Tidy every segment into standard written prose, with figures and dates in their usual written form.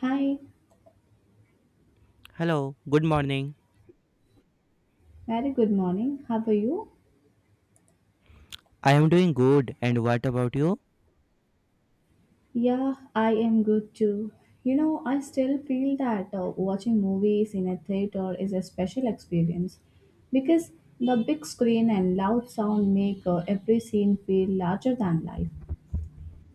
Hi, Hello, good morning. very good morning. How are you? I am doing good, and what about you? Yeah, I am good too. You know, I still feel that watching movies in a theater is a special experience because the big screen and loud sound make every scene feel larger than life.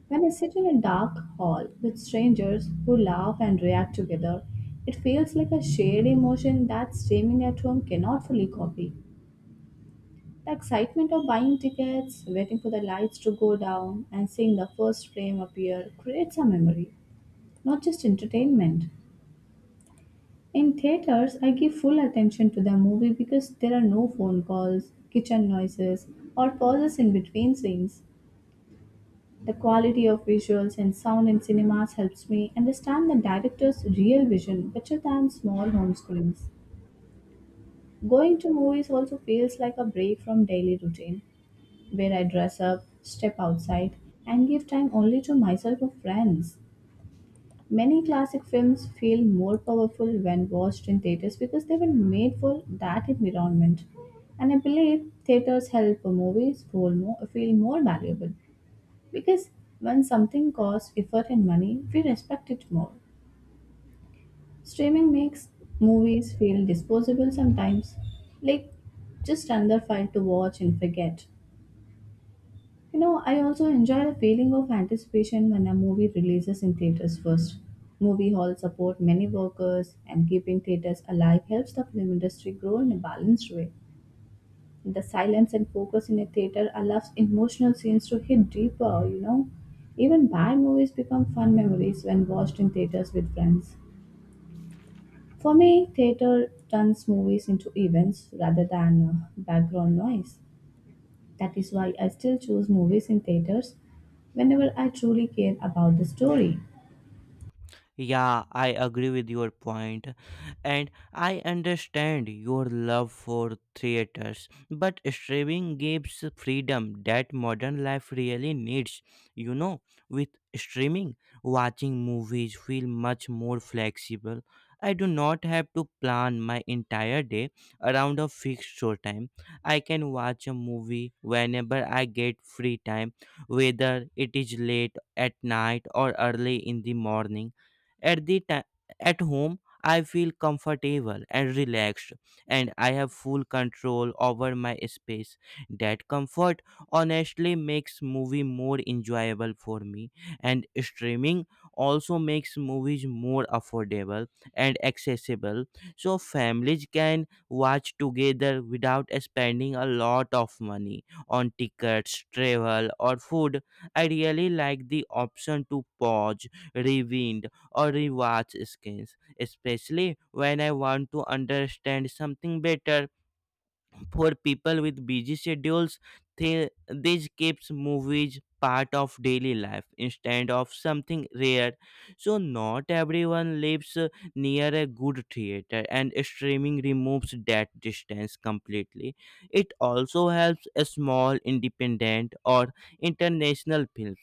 When I sit in a dark hall with strangers who laugh and react together, it feels like a shared emotion that streaming at home cannot fully copy. The excitement of buying tickets, waiting for the lights to go down, and seeing the first frame appear creates a memory, not just entertainment. In theaters, I give full attention to the movie because there are no phone calls, kitchen noises, or pauses in between scenes. The quality of visuals and sound in cinemas helps me understand the director's real vision better than small home screens. Going to movies also feels like a break from daily routine where I dress up, step outside, and give time only to myself or friends. Many classic films feel more powerful when watched in theaters because they were made for that environment. And I believe theaters help movies feel more valuable because when something costs effort and money, we respect it more. Streaming makes movies feel disposable sometimes, like just another file to watch and forget. You know, I also enjoy the feeling of anticipation when a movie releases in theaters first. Movie halls support many workers, and keeping theaters alive helps the film industry grow in a balanced way. The silence and focus in a theater allows emotional scenes to hit deeper, you know. Even bad movies become fun memories when watched in theaters with friends. For me, theater turns movies into events rather than background noise. That is why I still choose movies in theaters whenever I truly care about the story. Yeah, I agree with your point, and I understand your love for theaters. But streaming gives freedom that modern life really needs. You know, with streaming, watching movies feel much more flexible. I do not have to plan my entire day around a fixed showtime. I can watch a movie whenever I get free time, whether it is late at night or early in the morning at the time at home, I feel comfortable and relaxed, and I have full control over my space. That comfort honestly makes movie more enjoyable for me, and streaming also makes movies more affordable and accessible, so families can watch together without spending a lot of money on tickets, travel, or food. I really like the option to pause, rewind, or rewatch screens, especially when I want to understand something better. For people with busy schedules, this keeps movies part of daily life instead of something rare. So, not everyone lives near a good theater, and streaming removes that distance completely. It also helps a small, independent, or international films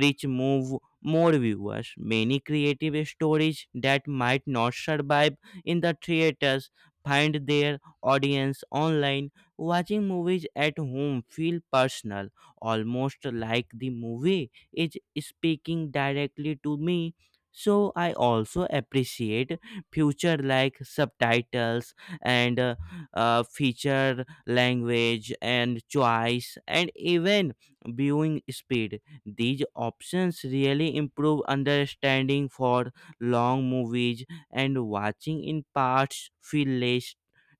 reach move more viewers. Many creative stories that might not survive in the theaters find their audience online. Watching movies at home feel personal, almost like the movie is speaking directly to me. So I also appreciate future like subtitles and feature language and choice and even viewing speed. These options really improve understanding for long movies and watching in parts feel less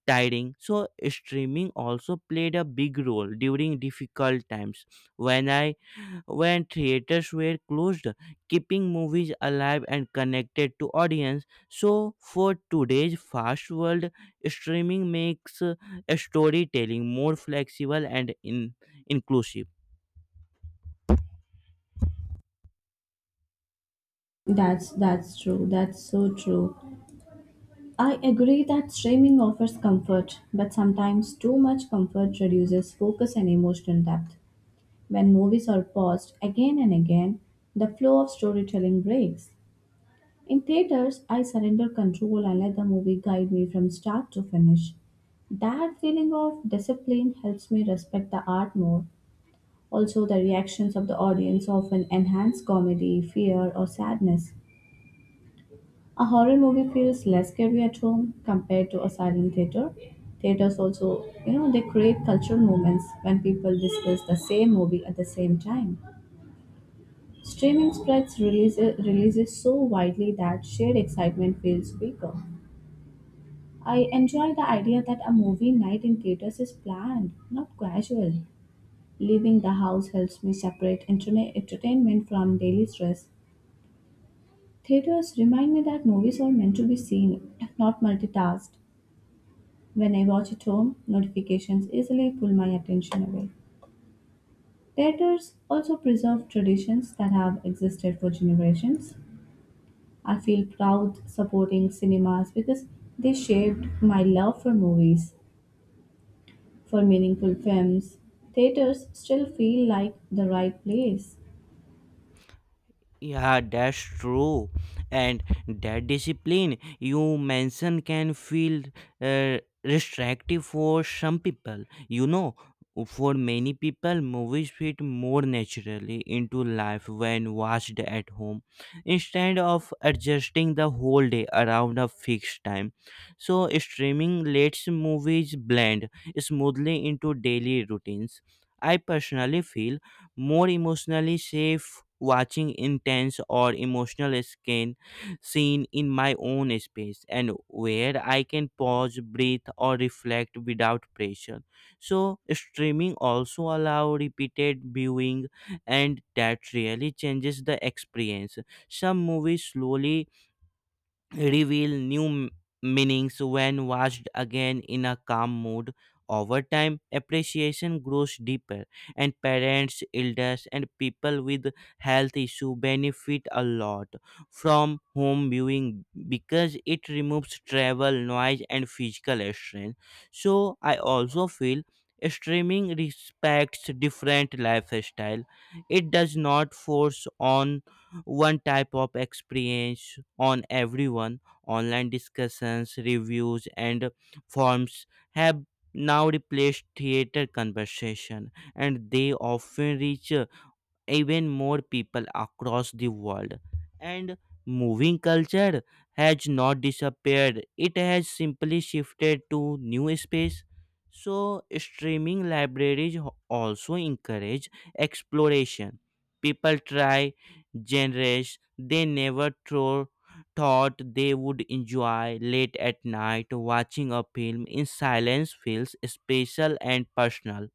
tiring. So streaming also played a big role during difficult times when I when theaters were closed, keeping movies alive and connected to audience. So for today's fast world, streaming makes storytelling more flexible and inclusive. That's true. That's so true. I agree that streaming offers comfort, but sometimes too much comfort reduces focus and emotional depth. When movies are paused again and again, the flow of storytelling breaks. In theaters, I surrender control and let the movie guide me from start to finish. That feeling of discipline helps me respect the art more. Also, the reactions of the audience often enhance comedy, fear, or sadness. A horror movie feels less scary at home compared to a silent theater. Theaters also, you know, they create cultural moments when people discuss the same movie at the same time. Streaming spreads releases so widely that shared excitement feels weaker. I enjoy the idea that a movie night in theaters is planned, not casual. Leaving the house helps me separate entertainment from daily stress. Theaters remind me that movies are meant to be seen, not multitasked. When I watch at home, notifications easily pull my attention away. Theaters also preserve traditions that have existed for generations. I feel proud supporting cinemas because they shaped my love for movies, for meaningful films. Theaters still feel like the right place. Yeah, that's true. And that discipline you mentioned can feel uh, restrictive for some people. You know, for many people, movies fit more naturally into life when watched at home instead of adjusting the whole day around a fixed time. So, streaming lets movies blend smoothly into daily routines. I personally feel more emotionally safe watching intense or emotional skin scene in my own space and where I can pause, breathe or reflect without pressure. So streaming also allow repeated viewing and that really changes the experience. Some movies slowly reveal new meanings when watched again in a calm mood. Over time, appreciation grows deeper, and parents, elders, and people with health issue benefit a lot from home viewing because it removes travel, noise, and physical strain. So, I also feel streaming respects different lifestyle. It does not force on one type of experience on everyone. Online discussions, reviews, and forums have now replaced theater conversation, and they often reach even more people across the world. And moving culture has not disappeared, it has simply shifted to new space. So, streaming libraries also encourage exploration. People try genres they never throw, thought they would enjoy late at night. Watching a film in silence feels special and personal.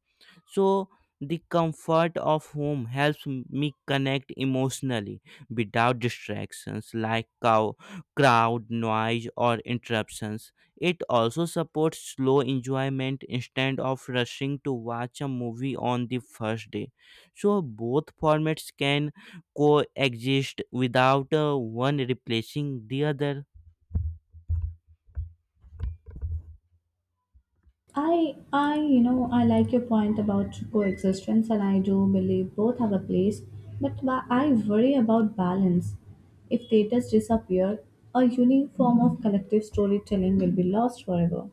So, the comfort of home helps me connect emotionally without distractions like crowd noise or interruptions. It also supports slow enjoyment instead of rushing to watch a movie on the first day. So both formats can coexist without one replacing the other. You know, I like your point about coexistence, and I do believe both have a place. But I worry about balance. If theaters disappear, a unique form of collective storytelling will be lost forever.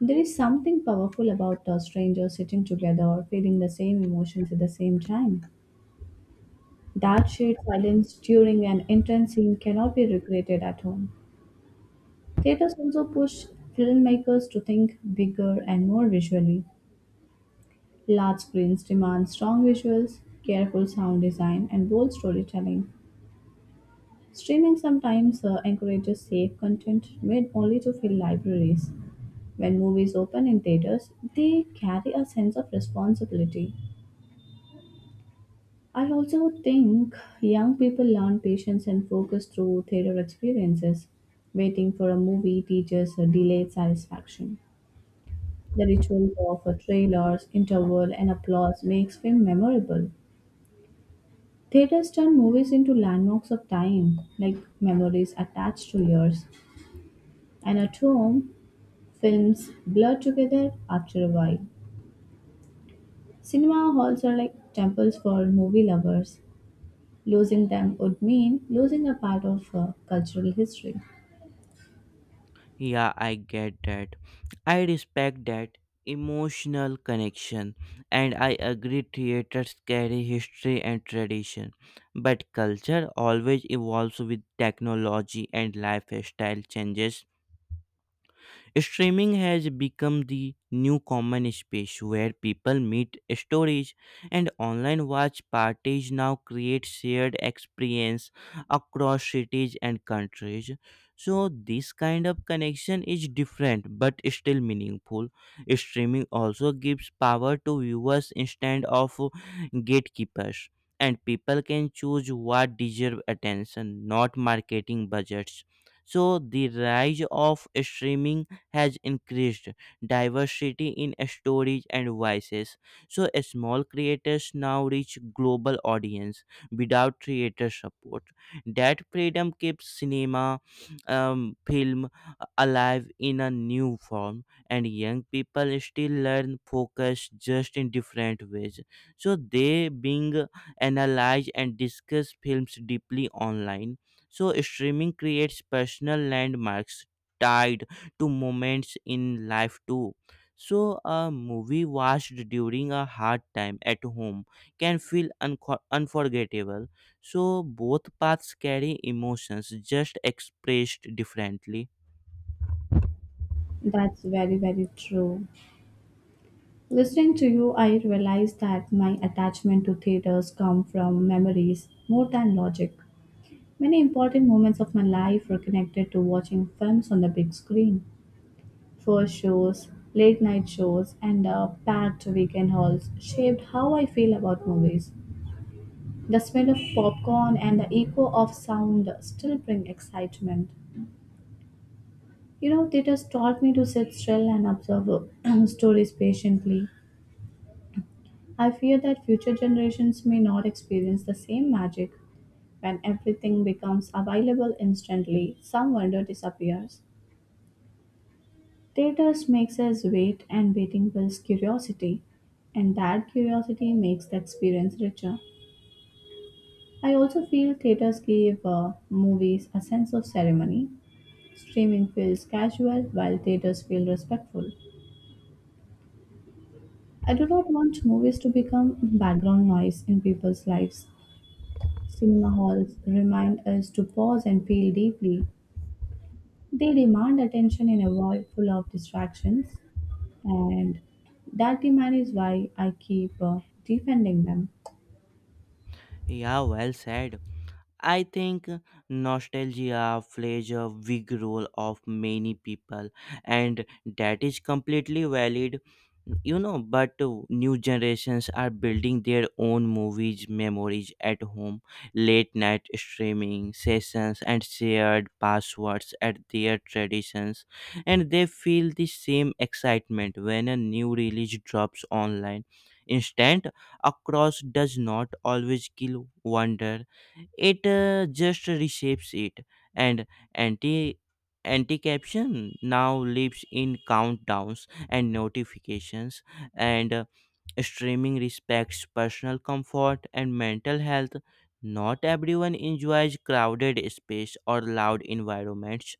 There is something powerful about a stranger sitting together or feeling the same emotions at the same time. That shared silence during an intense scene cannot be recreated at home. Theaters also push filmmakers to think bigger and more visually. Large screens demand strong visuals, careful sound design, and bold storytelling. Streaming sometimes encourages safe content made only to fill libraries. When movies open in theaters, they carry a sense of responsibility. I also think young people learn patience and focus through theater experiences. Waiting for a movie teaches a delayed satisfaction. The ritual of a trailers, interval, and applause makes film memorable. Theaters turn movies into landmarks of time, like memories attached to years. And at home, films blur together after a while. Cinema halls are like temples for movie lovers. Losing them would mean losing a part of cultural history. Yeah, I get that. I respect that emotional connection, and I agree theaters carry history and tradition, but culture always evolves with technology and lifestyle changes. Streaming has become the new common space where people meet stories and online watch parties now create shared experience across cities and countries. So this kind of connection is different but still meaningful. Streaming also gives power to viewers instead of gatekeepers and people can choose what deserve attention, not marketing budgets. So the rise of streaming has increased diversity in stories and voices. So small creators now reach global audience without creator support. That freedom keeps cinema, film alive in a new form, and young people still learn focus just in different ways. So they being analyze and discuss films deeply online. So streaming creates personal landmarks tied to moments in life too. So, a movie watched during a hard time at home can feel unforgettable. So, both paths carry emotions just expressed differently. That's very, very true. Listening to you, I realized that my attachment to theaters come from memories more than logic. Many important moments of my life were connected to watching films on the big screen. First shows, late night shows, and packed weekend halls shaped how I feel about movies. The smell of popcorn and the echo of sound still bring excitement. You know, theaters taught me to sit still and observe stories patiently. I fear that future generations may not experience the same magic. When everything becomes available instantly, some wonder disappears. Theaters makes us wait, and waiting builds curiosity, and that curiosity makes the experience richer. I also feel theaters give movies a sense of ceremony. Streaming feels casual, while theaters feel respectful. I do not want movies to become background noise in people's lives. Cinema halls remind us to pause and feel deeply. They demand attention in a world full of distractions, and that demand is why I keep defending them. Yeah, well said. I think nostalgia plays a big role of many people, and that is completely valid. You know, but new generations are building their own movies memories at home, late night streaming sessions and shared passwords at their traditions, and they feel the same excitement when a new release drops online. Instant across does not always kill wonder, it just reshapes it. And anti anti caption now lives in countdowns and notifications, and streaming respects personal comfort and mental health. Not everyone enjoys crowded space or loud environments.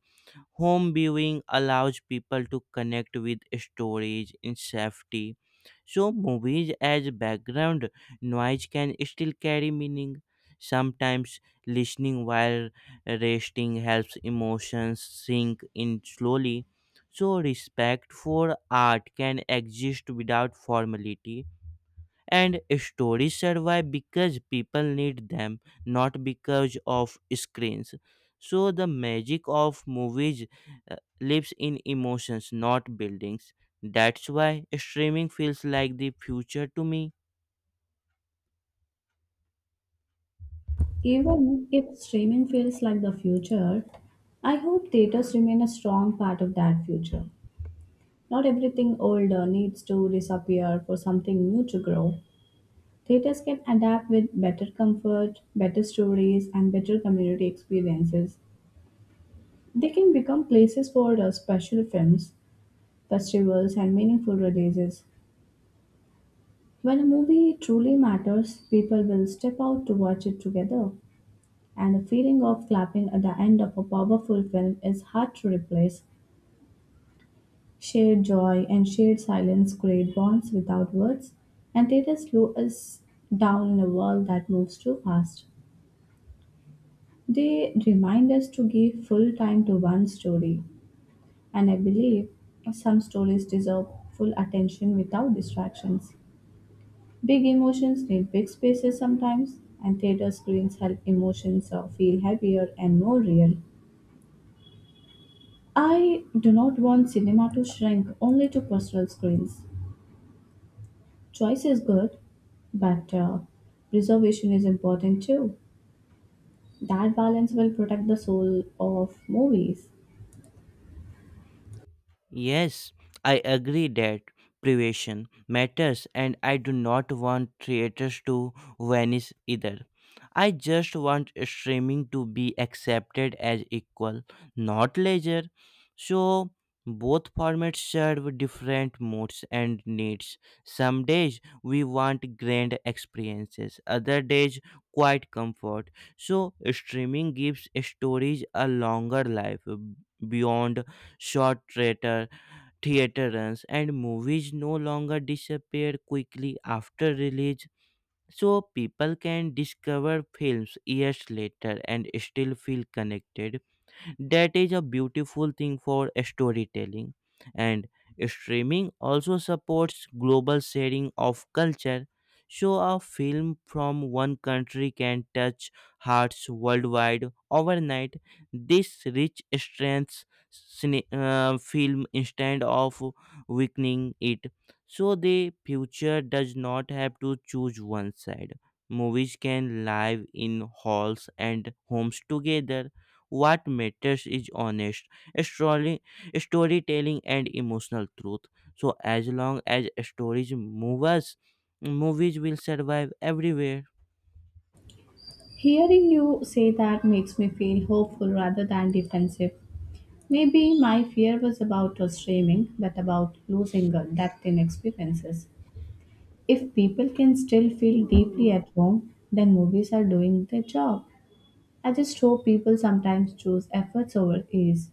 Home viewing allows people to connect with stories in safety. So, movies as background noise can still carry meaning. Sometimes, listening while resting helps emotions sink in slowly. So, respect for art can exist without formality and stories survive because people need them, not because of screens. So the magic of movies uh, lives in emotions, not buildings. That's why streaming feels like the future to me. Even if streaming feels like the future, I hope theaters remain a strong part of that future. Not everything older needs to disappear for something new to grow. Theaters can adapt with better comfort, better stories, and better community experiences. They can become places for special films, festivals, and meaningful releases. When a movie truly matters, people will step out to watch it together, and the feeling of clapping at the end of a powerful film is hard to replace. Shared joy and shared silence create bonds without words, and theaters slow us down in a world that moves too fast. They remind us to give full time to one story, and I believe some stories deserve full attention without distractions. Big emotions need big spaces sometimes, and theater screens help emotions feel heavier and more real. I do not want cinema to shrink only to personal screens. Choice is good, but preservation is important too. That balance will protect the soul of movies. Yes, I agree that privation matters, and I do not want theaters to vanish either. I just want streaming to be accepted as equal, not leisure. So, both formats serve different moods and needs. Some days we want grand experiences, other days, quiet comfort. So, streaming gives stories a longer life beyond short theaters, and movies no longer disappear quickly after release, so people can discover films years later and still feel connected. That is a beautiful thing for storytelling. And streaming also supports global sharing of culture. So a film from one country can touch hearts worldwide overnight. This rich strengths film instead of weakening it. So the future does not have to choose one side. Movies can live in halls and homes together. What matters is story, storytelling and emotional truth. So as long as stories move us, movies will survive everywhere. Hearing you say that makes me feel hopeful rather than defensive. Maybe my fear was about streaming, but about losing depth in experiences. If people can still feel deeply at home, then movies are doing their job. I just hope people sometimes choose efforts over ease.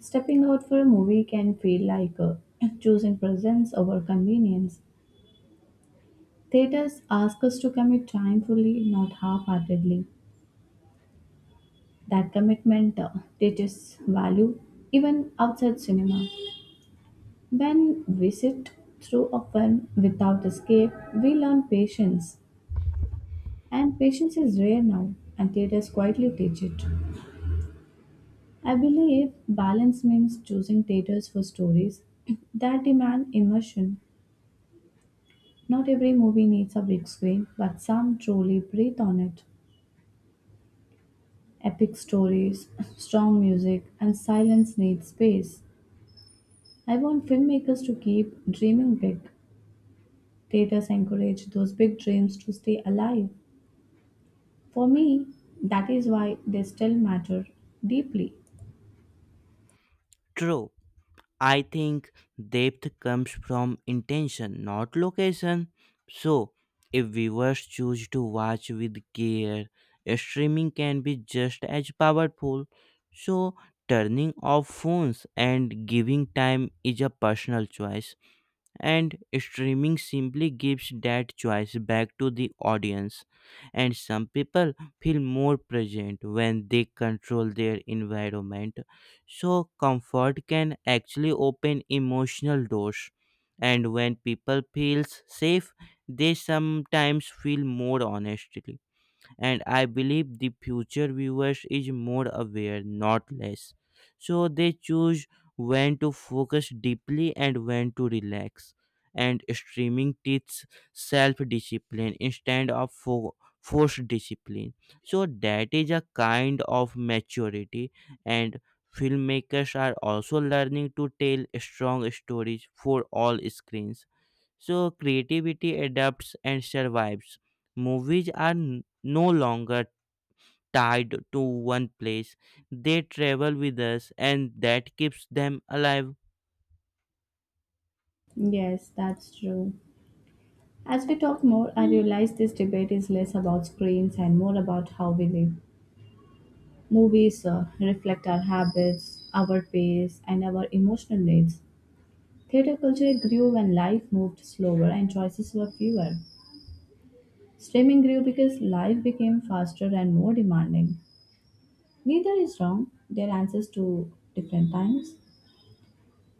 Stepping out for a movie can feel like choosing presence over convenience. Theaters ask us to commit time fully, not half heartedly. That commitment teaches value even outside cinema. When we sit through a film without escape, we learn patience. And patience is rare now, and theaters quietly teach it. I believe balance means choosing theaters for stories that demand immersion. Not every movie needs a big screen, but some truly breathe on it. Epic stories, strong music, and silence need space. I want filmmakers to keep dreaming big. Theaters encourage those big dreams to stay alive. For me, that is why they still matter deeply. True. I think depth comes from intention, not location. So if viewers choose to watch with care, streaming can be just as powerful. So turning off phones and giving time is a personal choice, and streaming simply gives that choice back to the audience. And some people feel more present when they control their environment, so comfort can actually open emotional doors. And when people feel safe, they sometimes feel more honestly, and I believe the future viewers is more aware, not less. So they choose when to focus deeply and when to relax. And streaming teaches self discipline instead of forced discipline. So that is a kind of maturity, and filmmakers are also learning to tell strong stories for all screens, so creativity adapts and survives. Movies are no longer tied to one place. They travel with us and that keeps them alive. Yes, that's true. As we talk more, I realize this debate is less about screens and more about how we live. Movies reflect our habits, our pace, and our emotional needs. Theater culture grew when life moved slower and choices were fewer. Streaming grew because life became faster and more demanding. Neither is wrong, their answers to different times.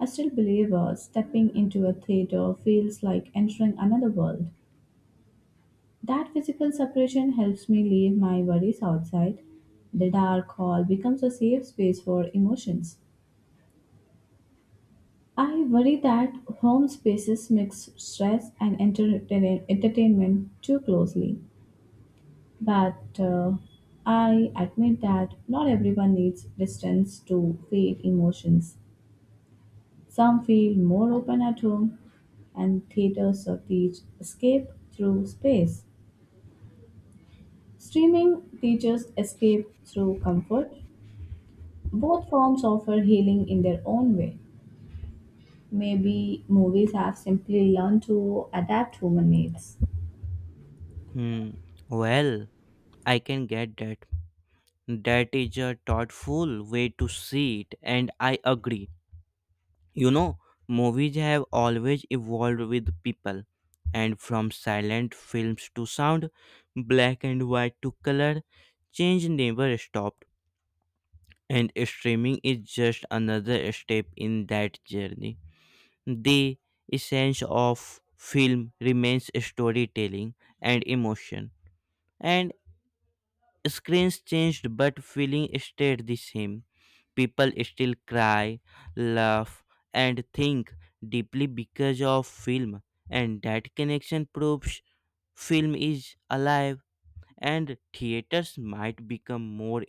I still believe stepping into a theater feels like entering another world. That physical separation helps me leave my worries outside. The dark hall becomes a safe space for emotions. I worry that home spaces mix stress and entertainment too closely. But I admit that not everyone needs distance to feel emotions. Some feel more open at home, and theaters or teach escape through space. Streaming teaches escape through comfort. Both forms offer healing in their own way. Maybe movies have simply learned to adapt human needs. Hmm. Well, I can get that. That is a thoughtful way to see it and I agree. You know, movies have always evolved with people. And from silent films to sound, black and white to color, change never stopped, and streaming is just another step in that journey. The essence of film remains storytelling and emotion. And screens changed, but feeling stayed the same. People still cry, laugh, and think deeply because of film, and that connection proves film is alive. And theaters might become more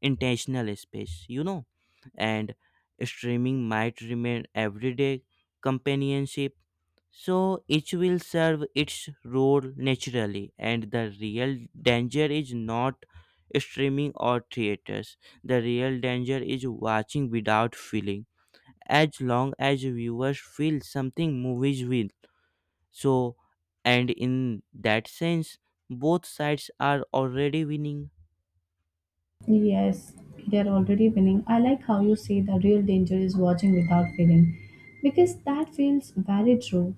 intentional space, you know. And streaming might remain everyday companionship, so each will serve its role naturally. And the real danger is not streaming or theaters, the real danger is watching without feeling. As long as viewers feel something, movies will. So, and in that sense, both sides are already winning. Yes, they're already winning. I like how you say the real danger is watching without feeling, because that feels very true.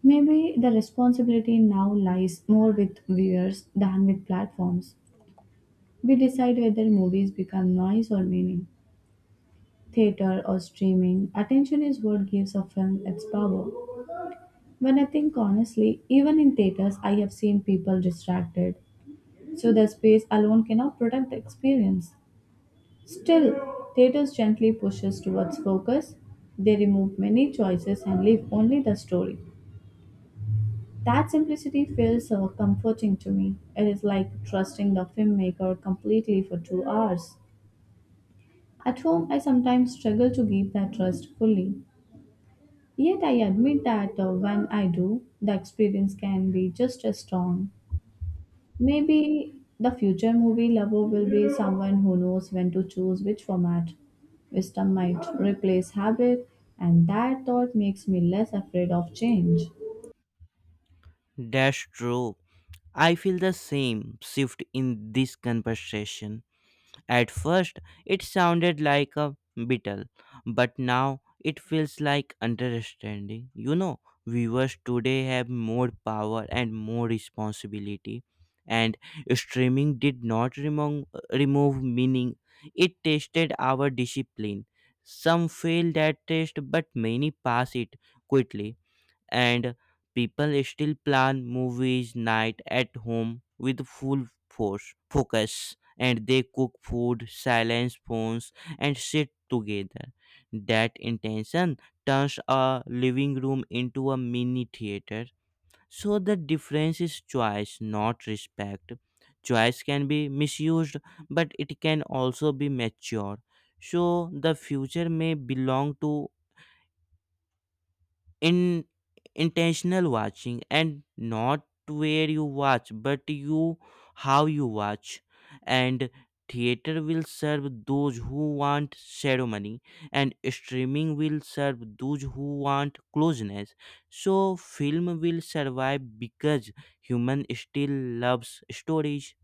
Maybe the responsibility now lies more with viewers than with platforms. We decide whether movies become noise or meaning. Theater or streaming, attention is what gives a film its power. When I think honestly, even in theaters, I have seen people distracted, so the space alone cannot protect the experience. Still, theaters gently pushes towards focus. They remove many choices and leave only the story. That simplicity feels so comforting to me. It is like trusting the filmmaker completely for 2 hours. At home, I sometimes struggle to give that trust fully. Yet I admit that when I do, the experience can be just as strong. Maybe the future movie lover will be someone who knows when to choose which format. Wisdom might replace habit, and that thought makes me less afraid of change. That's true. I feel the same shift in this conversation. At first, it sounded like a beetle, but now it feels like understanding. You know, viewers today have more power and more responsibility, and streaming did not remove meaning, it tested our discipline. Some fail that test, but many pass it quickly. And people still plan movies night at home with full force focus, and they cook food, silence phones, and sit together. That intention turns a living room into a mini theater. So the difference is choice, not respect. Choice can be misused, but it can also be mature. So the future may belong to in intentional watching, and not where you watch but you how you watch. And theater will serve those who want ceremony, and streaming will serve those who want closeness. So film will survive because human still loves stories.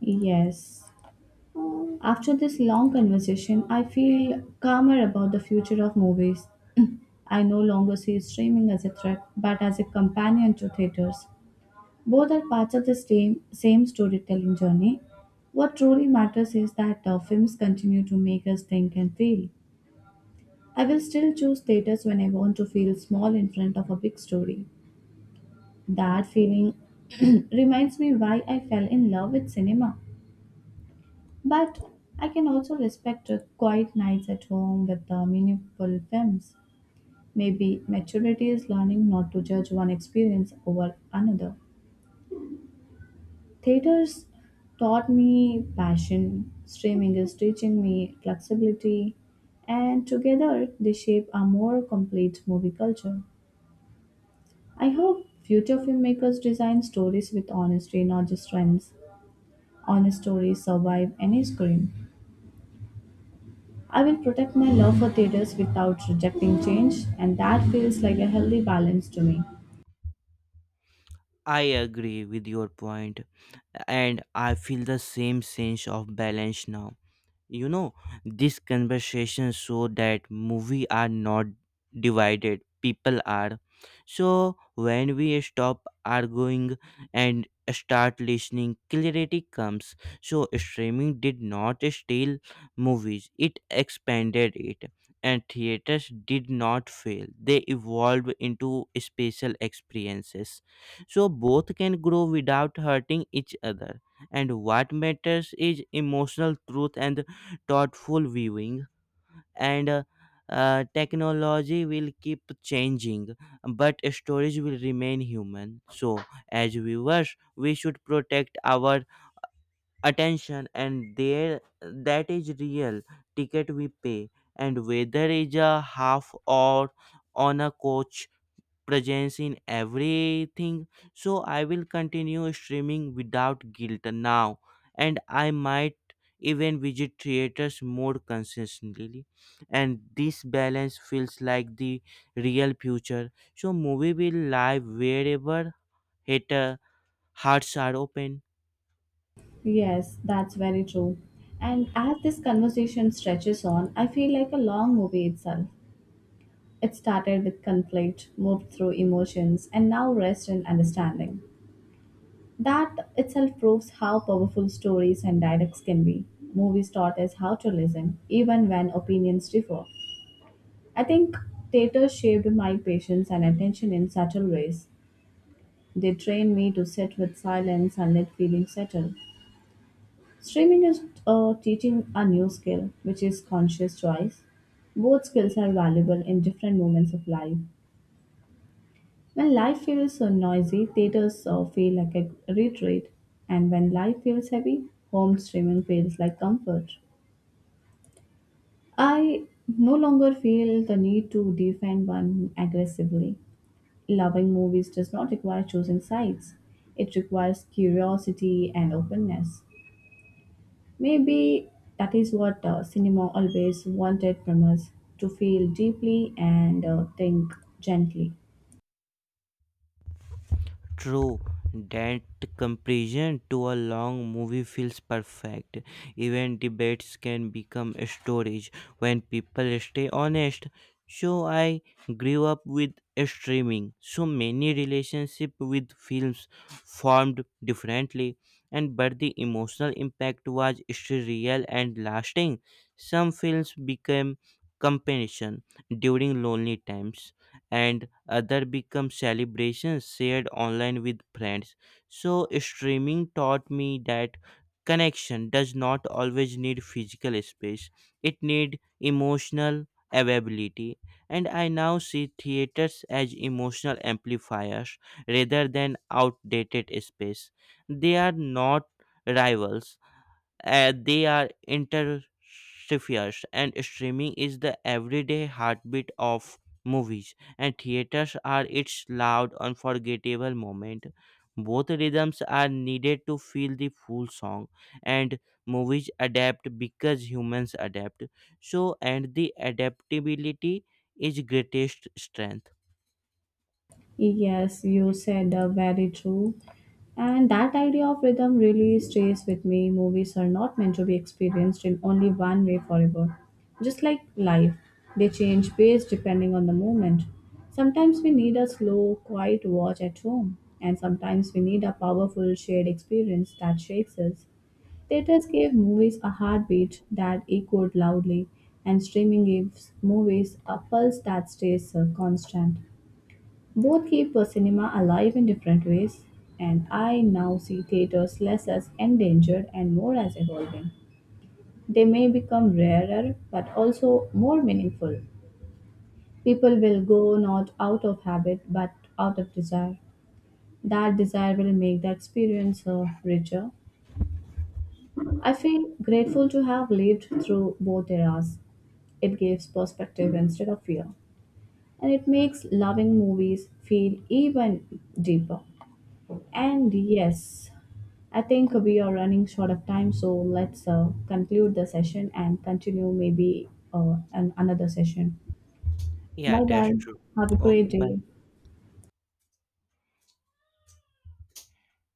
Yes. After this long conversation, I feel calmer about the future of movies. I no longer see streaming as a threat, but as a companion to theaters. Both are parts of the same storytelling journey. What truly matters is that films continue to make us think and feel. I will still choose theaters when I want to feel small in front of a big story. That feeling reminds me why I fell in love with cinema. But I can also respect quiet nights at home with the meaningful films. Maybe maturity is learning not to judge one experience over another. Theaters taught me passion, streaming is teaching me flexibility, and together they shape a more complete movie culture. I hope future filmmakers design stories with honesty, not just trends. Honest stories survive any screen. I will protect my love for theaters without rejecting change, and that feels like a healthy balance to me. I agree with your point, and I feel the same sense of balance now. You know, this conversation show that movie are not divided, people are. So when we stop arguing and start listening, clarity comes. So streaming did not steal movies, it expanded it. And theaters did not fail. They evolved into special experiences. So both can grow without hurting each other, and what matters is emotional truth and thoughtful viewing. And technology will keep changing but storage will remain human. So as viewers we should protect our attention, and there that is real ticket we pay, and whether it's a half or on a coach, presence in everything. So I will continue streaming without guilt now, and I might even visit theaters more consistently. And this balance feels like the real future. So movie will live wherever hater hearts are open. Yes, that's very true. And as this conversation stretches on, I feel like a long movie itself. It started with conflict, moved through emotions, and now rests in understanding. That itself proves how powerful stories and dialects can be. Movies taught us how to listen, even when opinions differ. I think theater shaped my patience and attention in subtle ways. They trained me to sit with silence and let feelings settle. Streaming is teaching a new skill, which is conscious choice. Both skills are valuable in different moments of life. When life feels so noisy, theaters feel like a retreat, and when life feels heavy, home streaming feels like comfort. I no longer feel the need to defend one aggressively. Loving movies does not require choosing sides, it requires curiosity and openness. Maybe that is what cinema always wanted from us to feel deeply and think gently. True, that comparison to a long movie feels perfect. Even debates can become storage when people stay honest. So I grew up with streaming. So many relationship with films formed differently, and but the emotional impact was still real and lasting. Some films became companion during lonely times, and other become celebrations shared online with friends. So streaming taught me that connection does not always need physical space. It need emotional availability, and I now see theaters as emotional amplifiers rather than outdated space. They are not rivals, they are interferes, and streaming is the everyday heartbeat of movies, and theaters are its loud unforgettable moment. Both rhythms are needed to feel the full song. And movies adapt because humans adapt, and the adaptability is greatest strength. Yes, you said very true. And that idea of rhythm really stays with me. Movies are not meant to be experienced in only one way forever. Just like life, they change pace depending on the moment. Sometimes we need a slow, quiet watch at home, and sometimes we need a powerful, shared experience that shakes us. Theaters gave movies a heartbeat that echoed loudly, and streaming gives movies a pulse that stays constant. Both keep cinema alive in different ways, and I now see theaters less as endangered and more as evolving. They may become rarer but also more meaningful. People will go not out of habit but out of desire. That desire will make the experience richer. I feel grateful to have lived through both eras. It gives perspective instead of fear, and it makes loving movies feel even deeper. And yes, I think we are running short of time, so let's conclude the session and continue maybe an another session. Yeah, Bye that's bye. true. Have a great Okay, day. bye.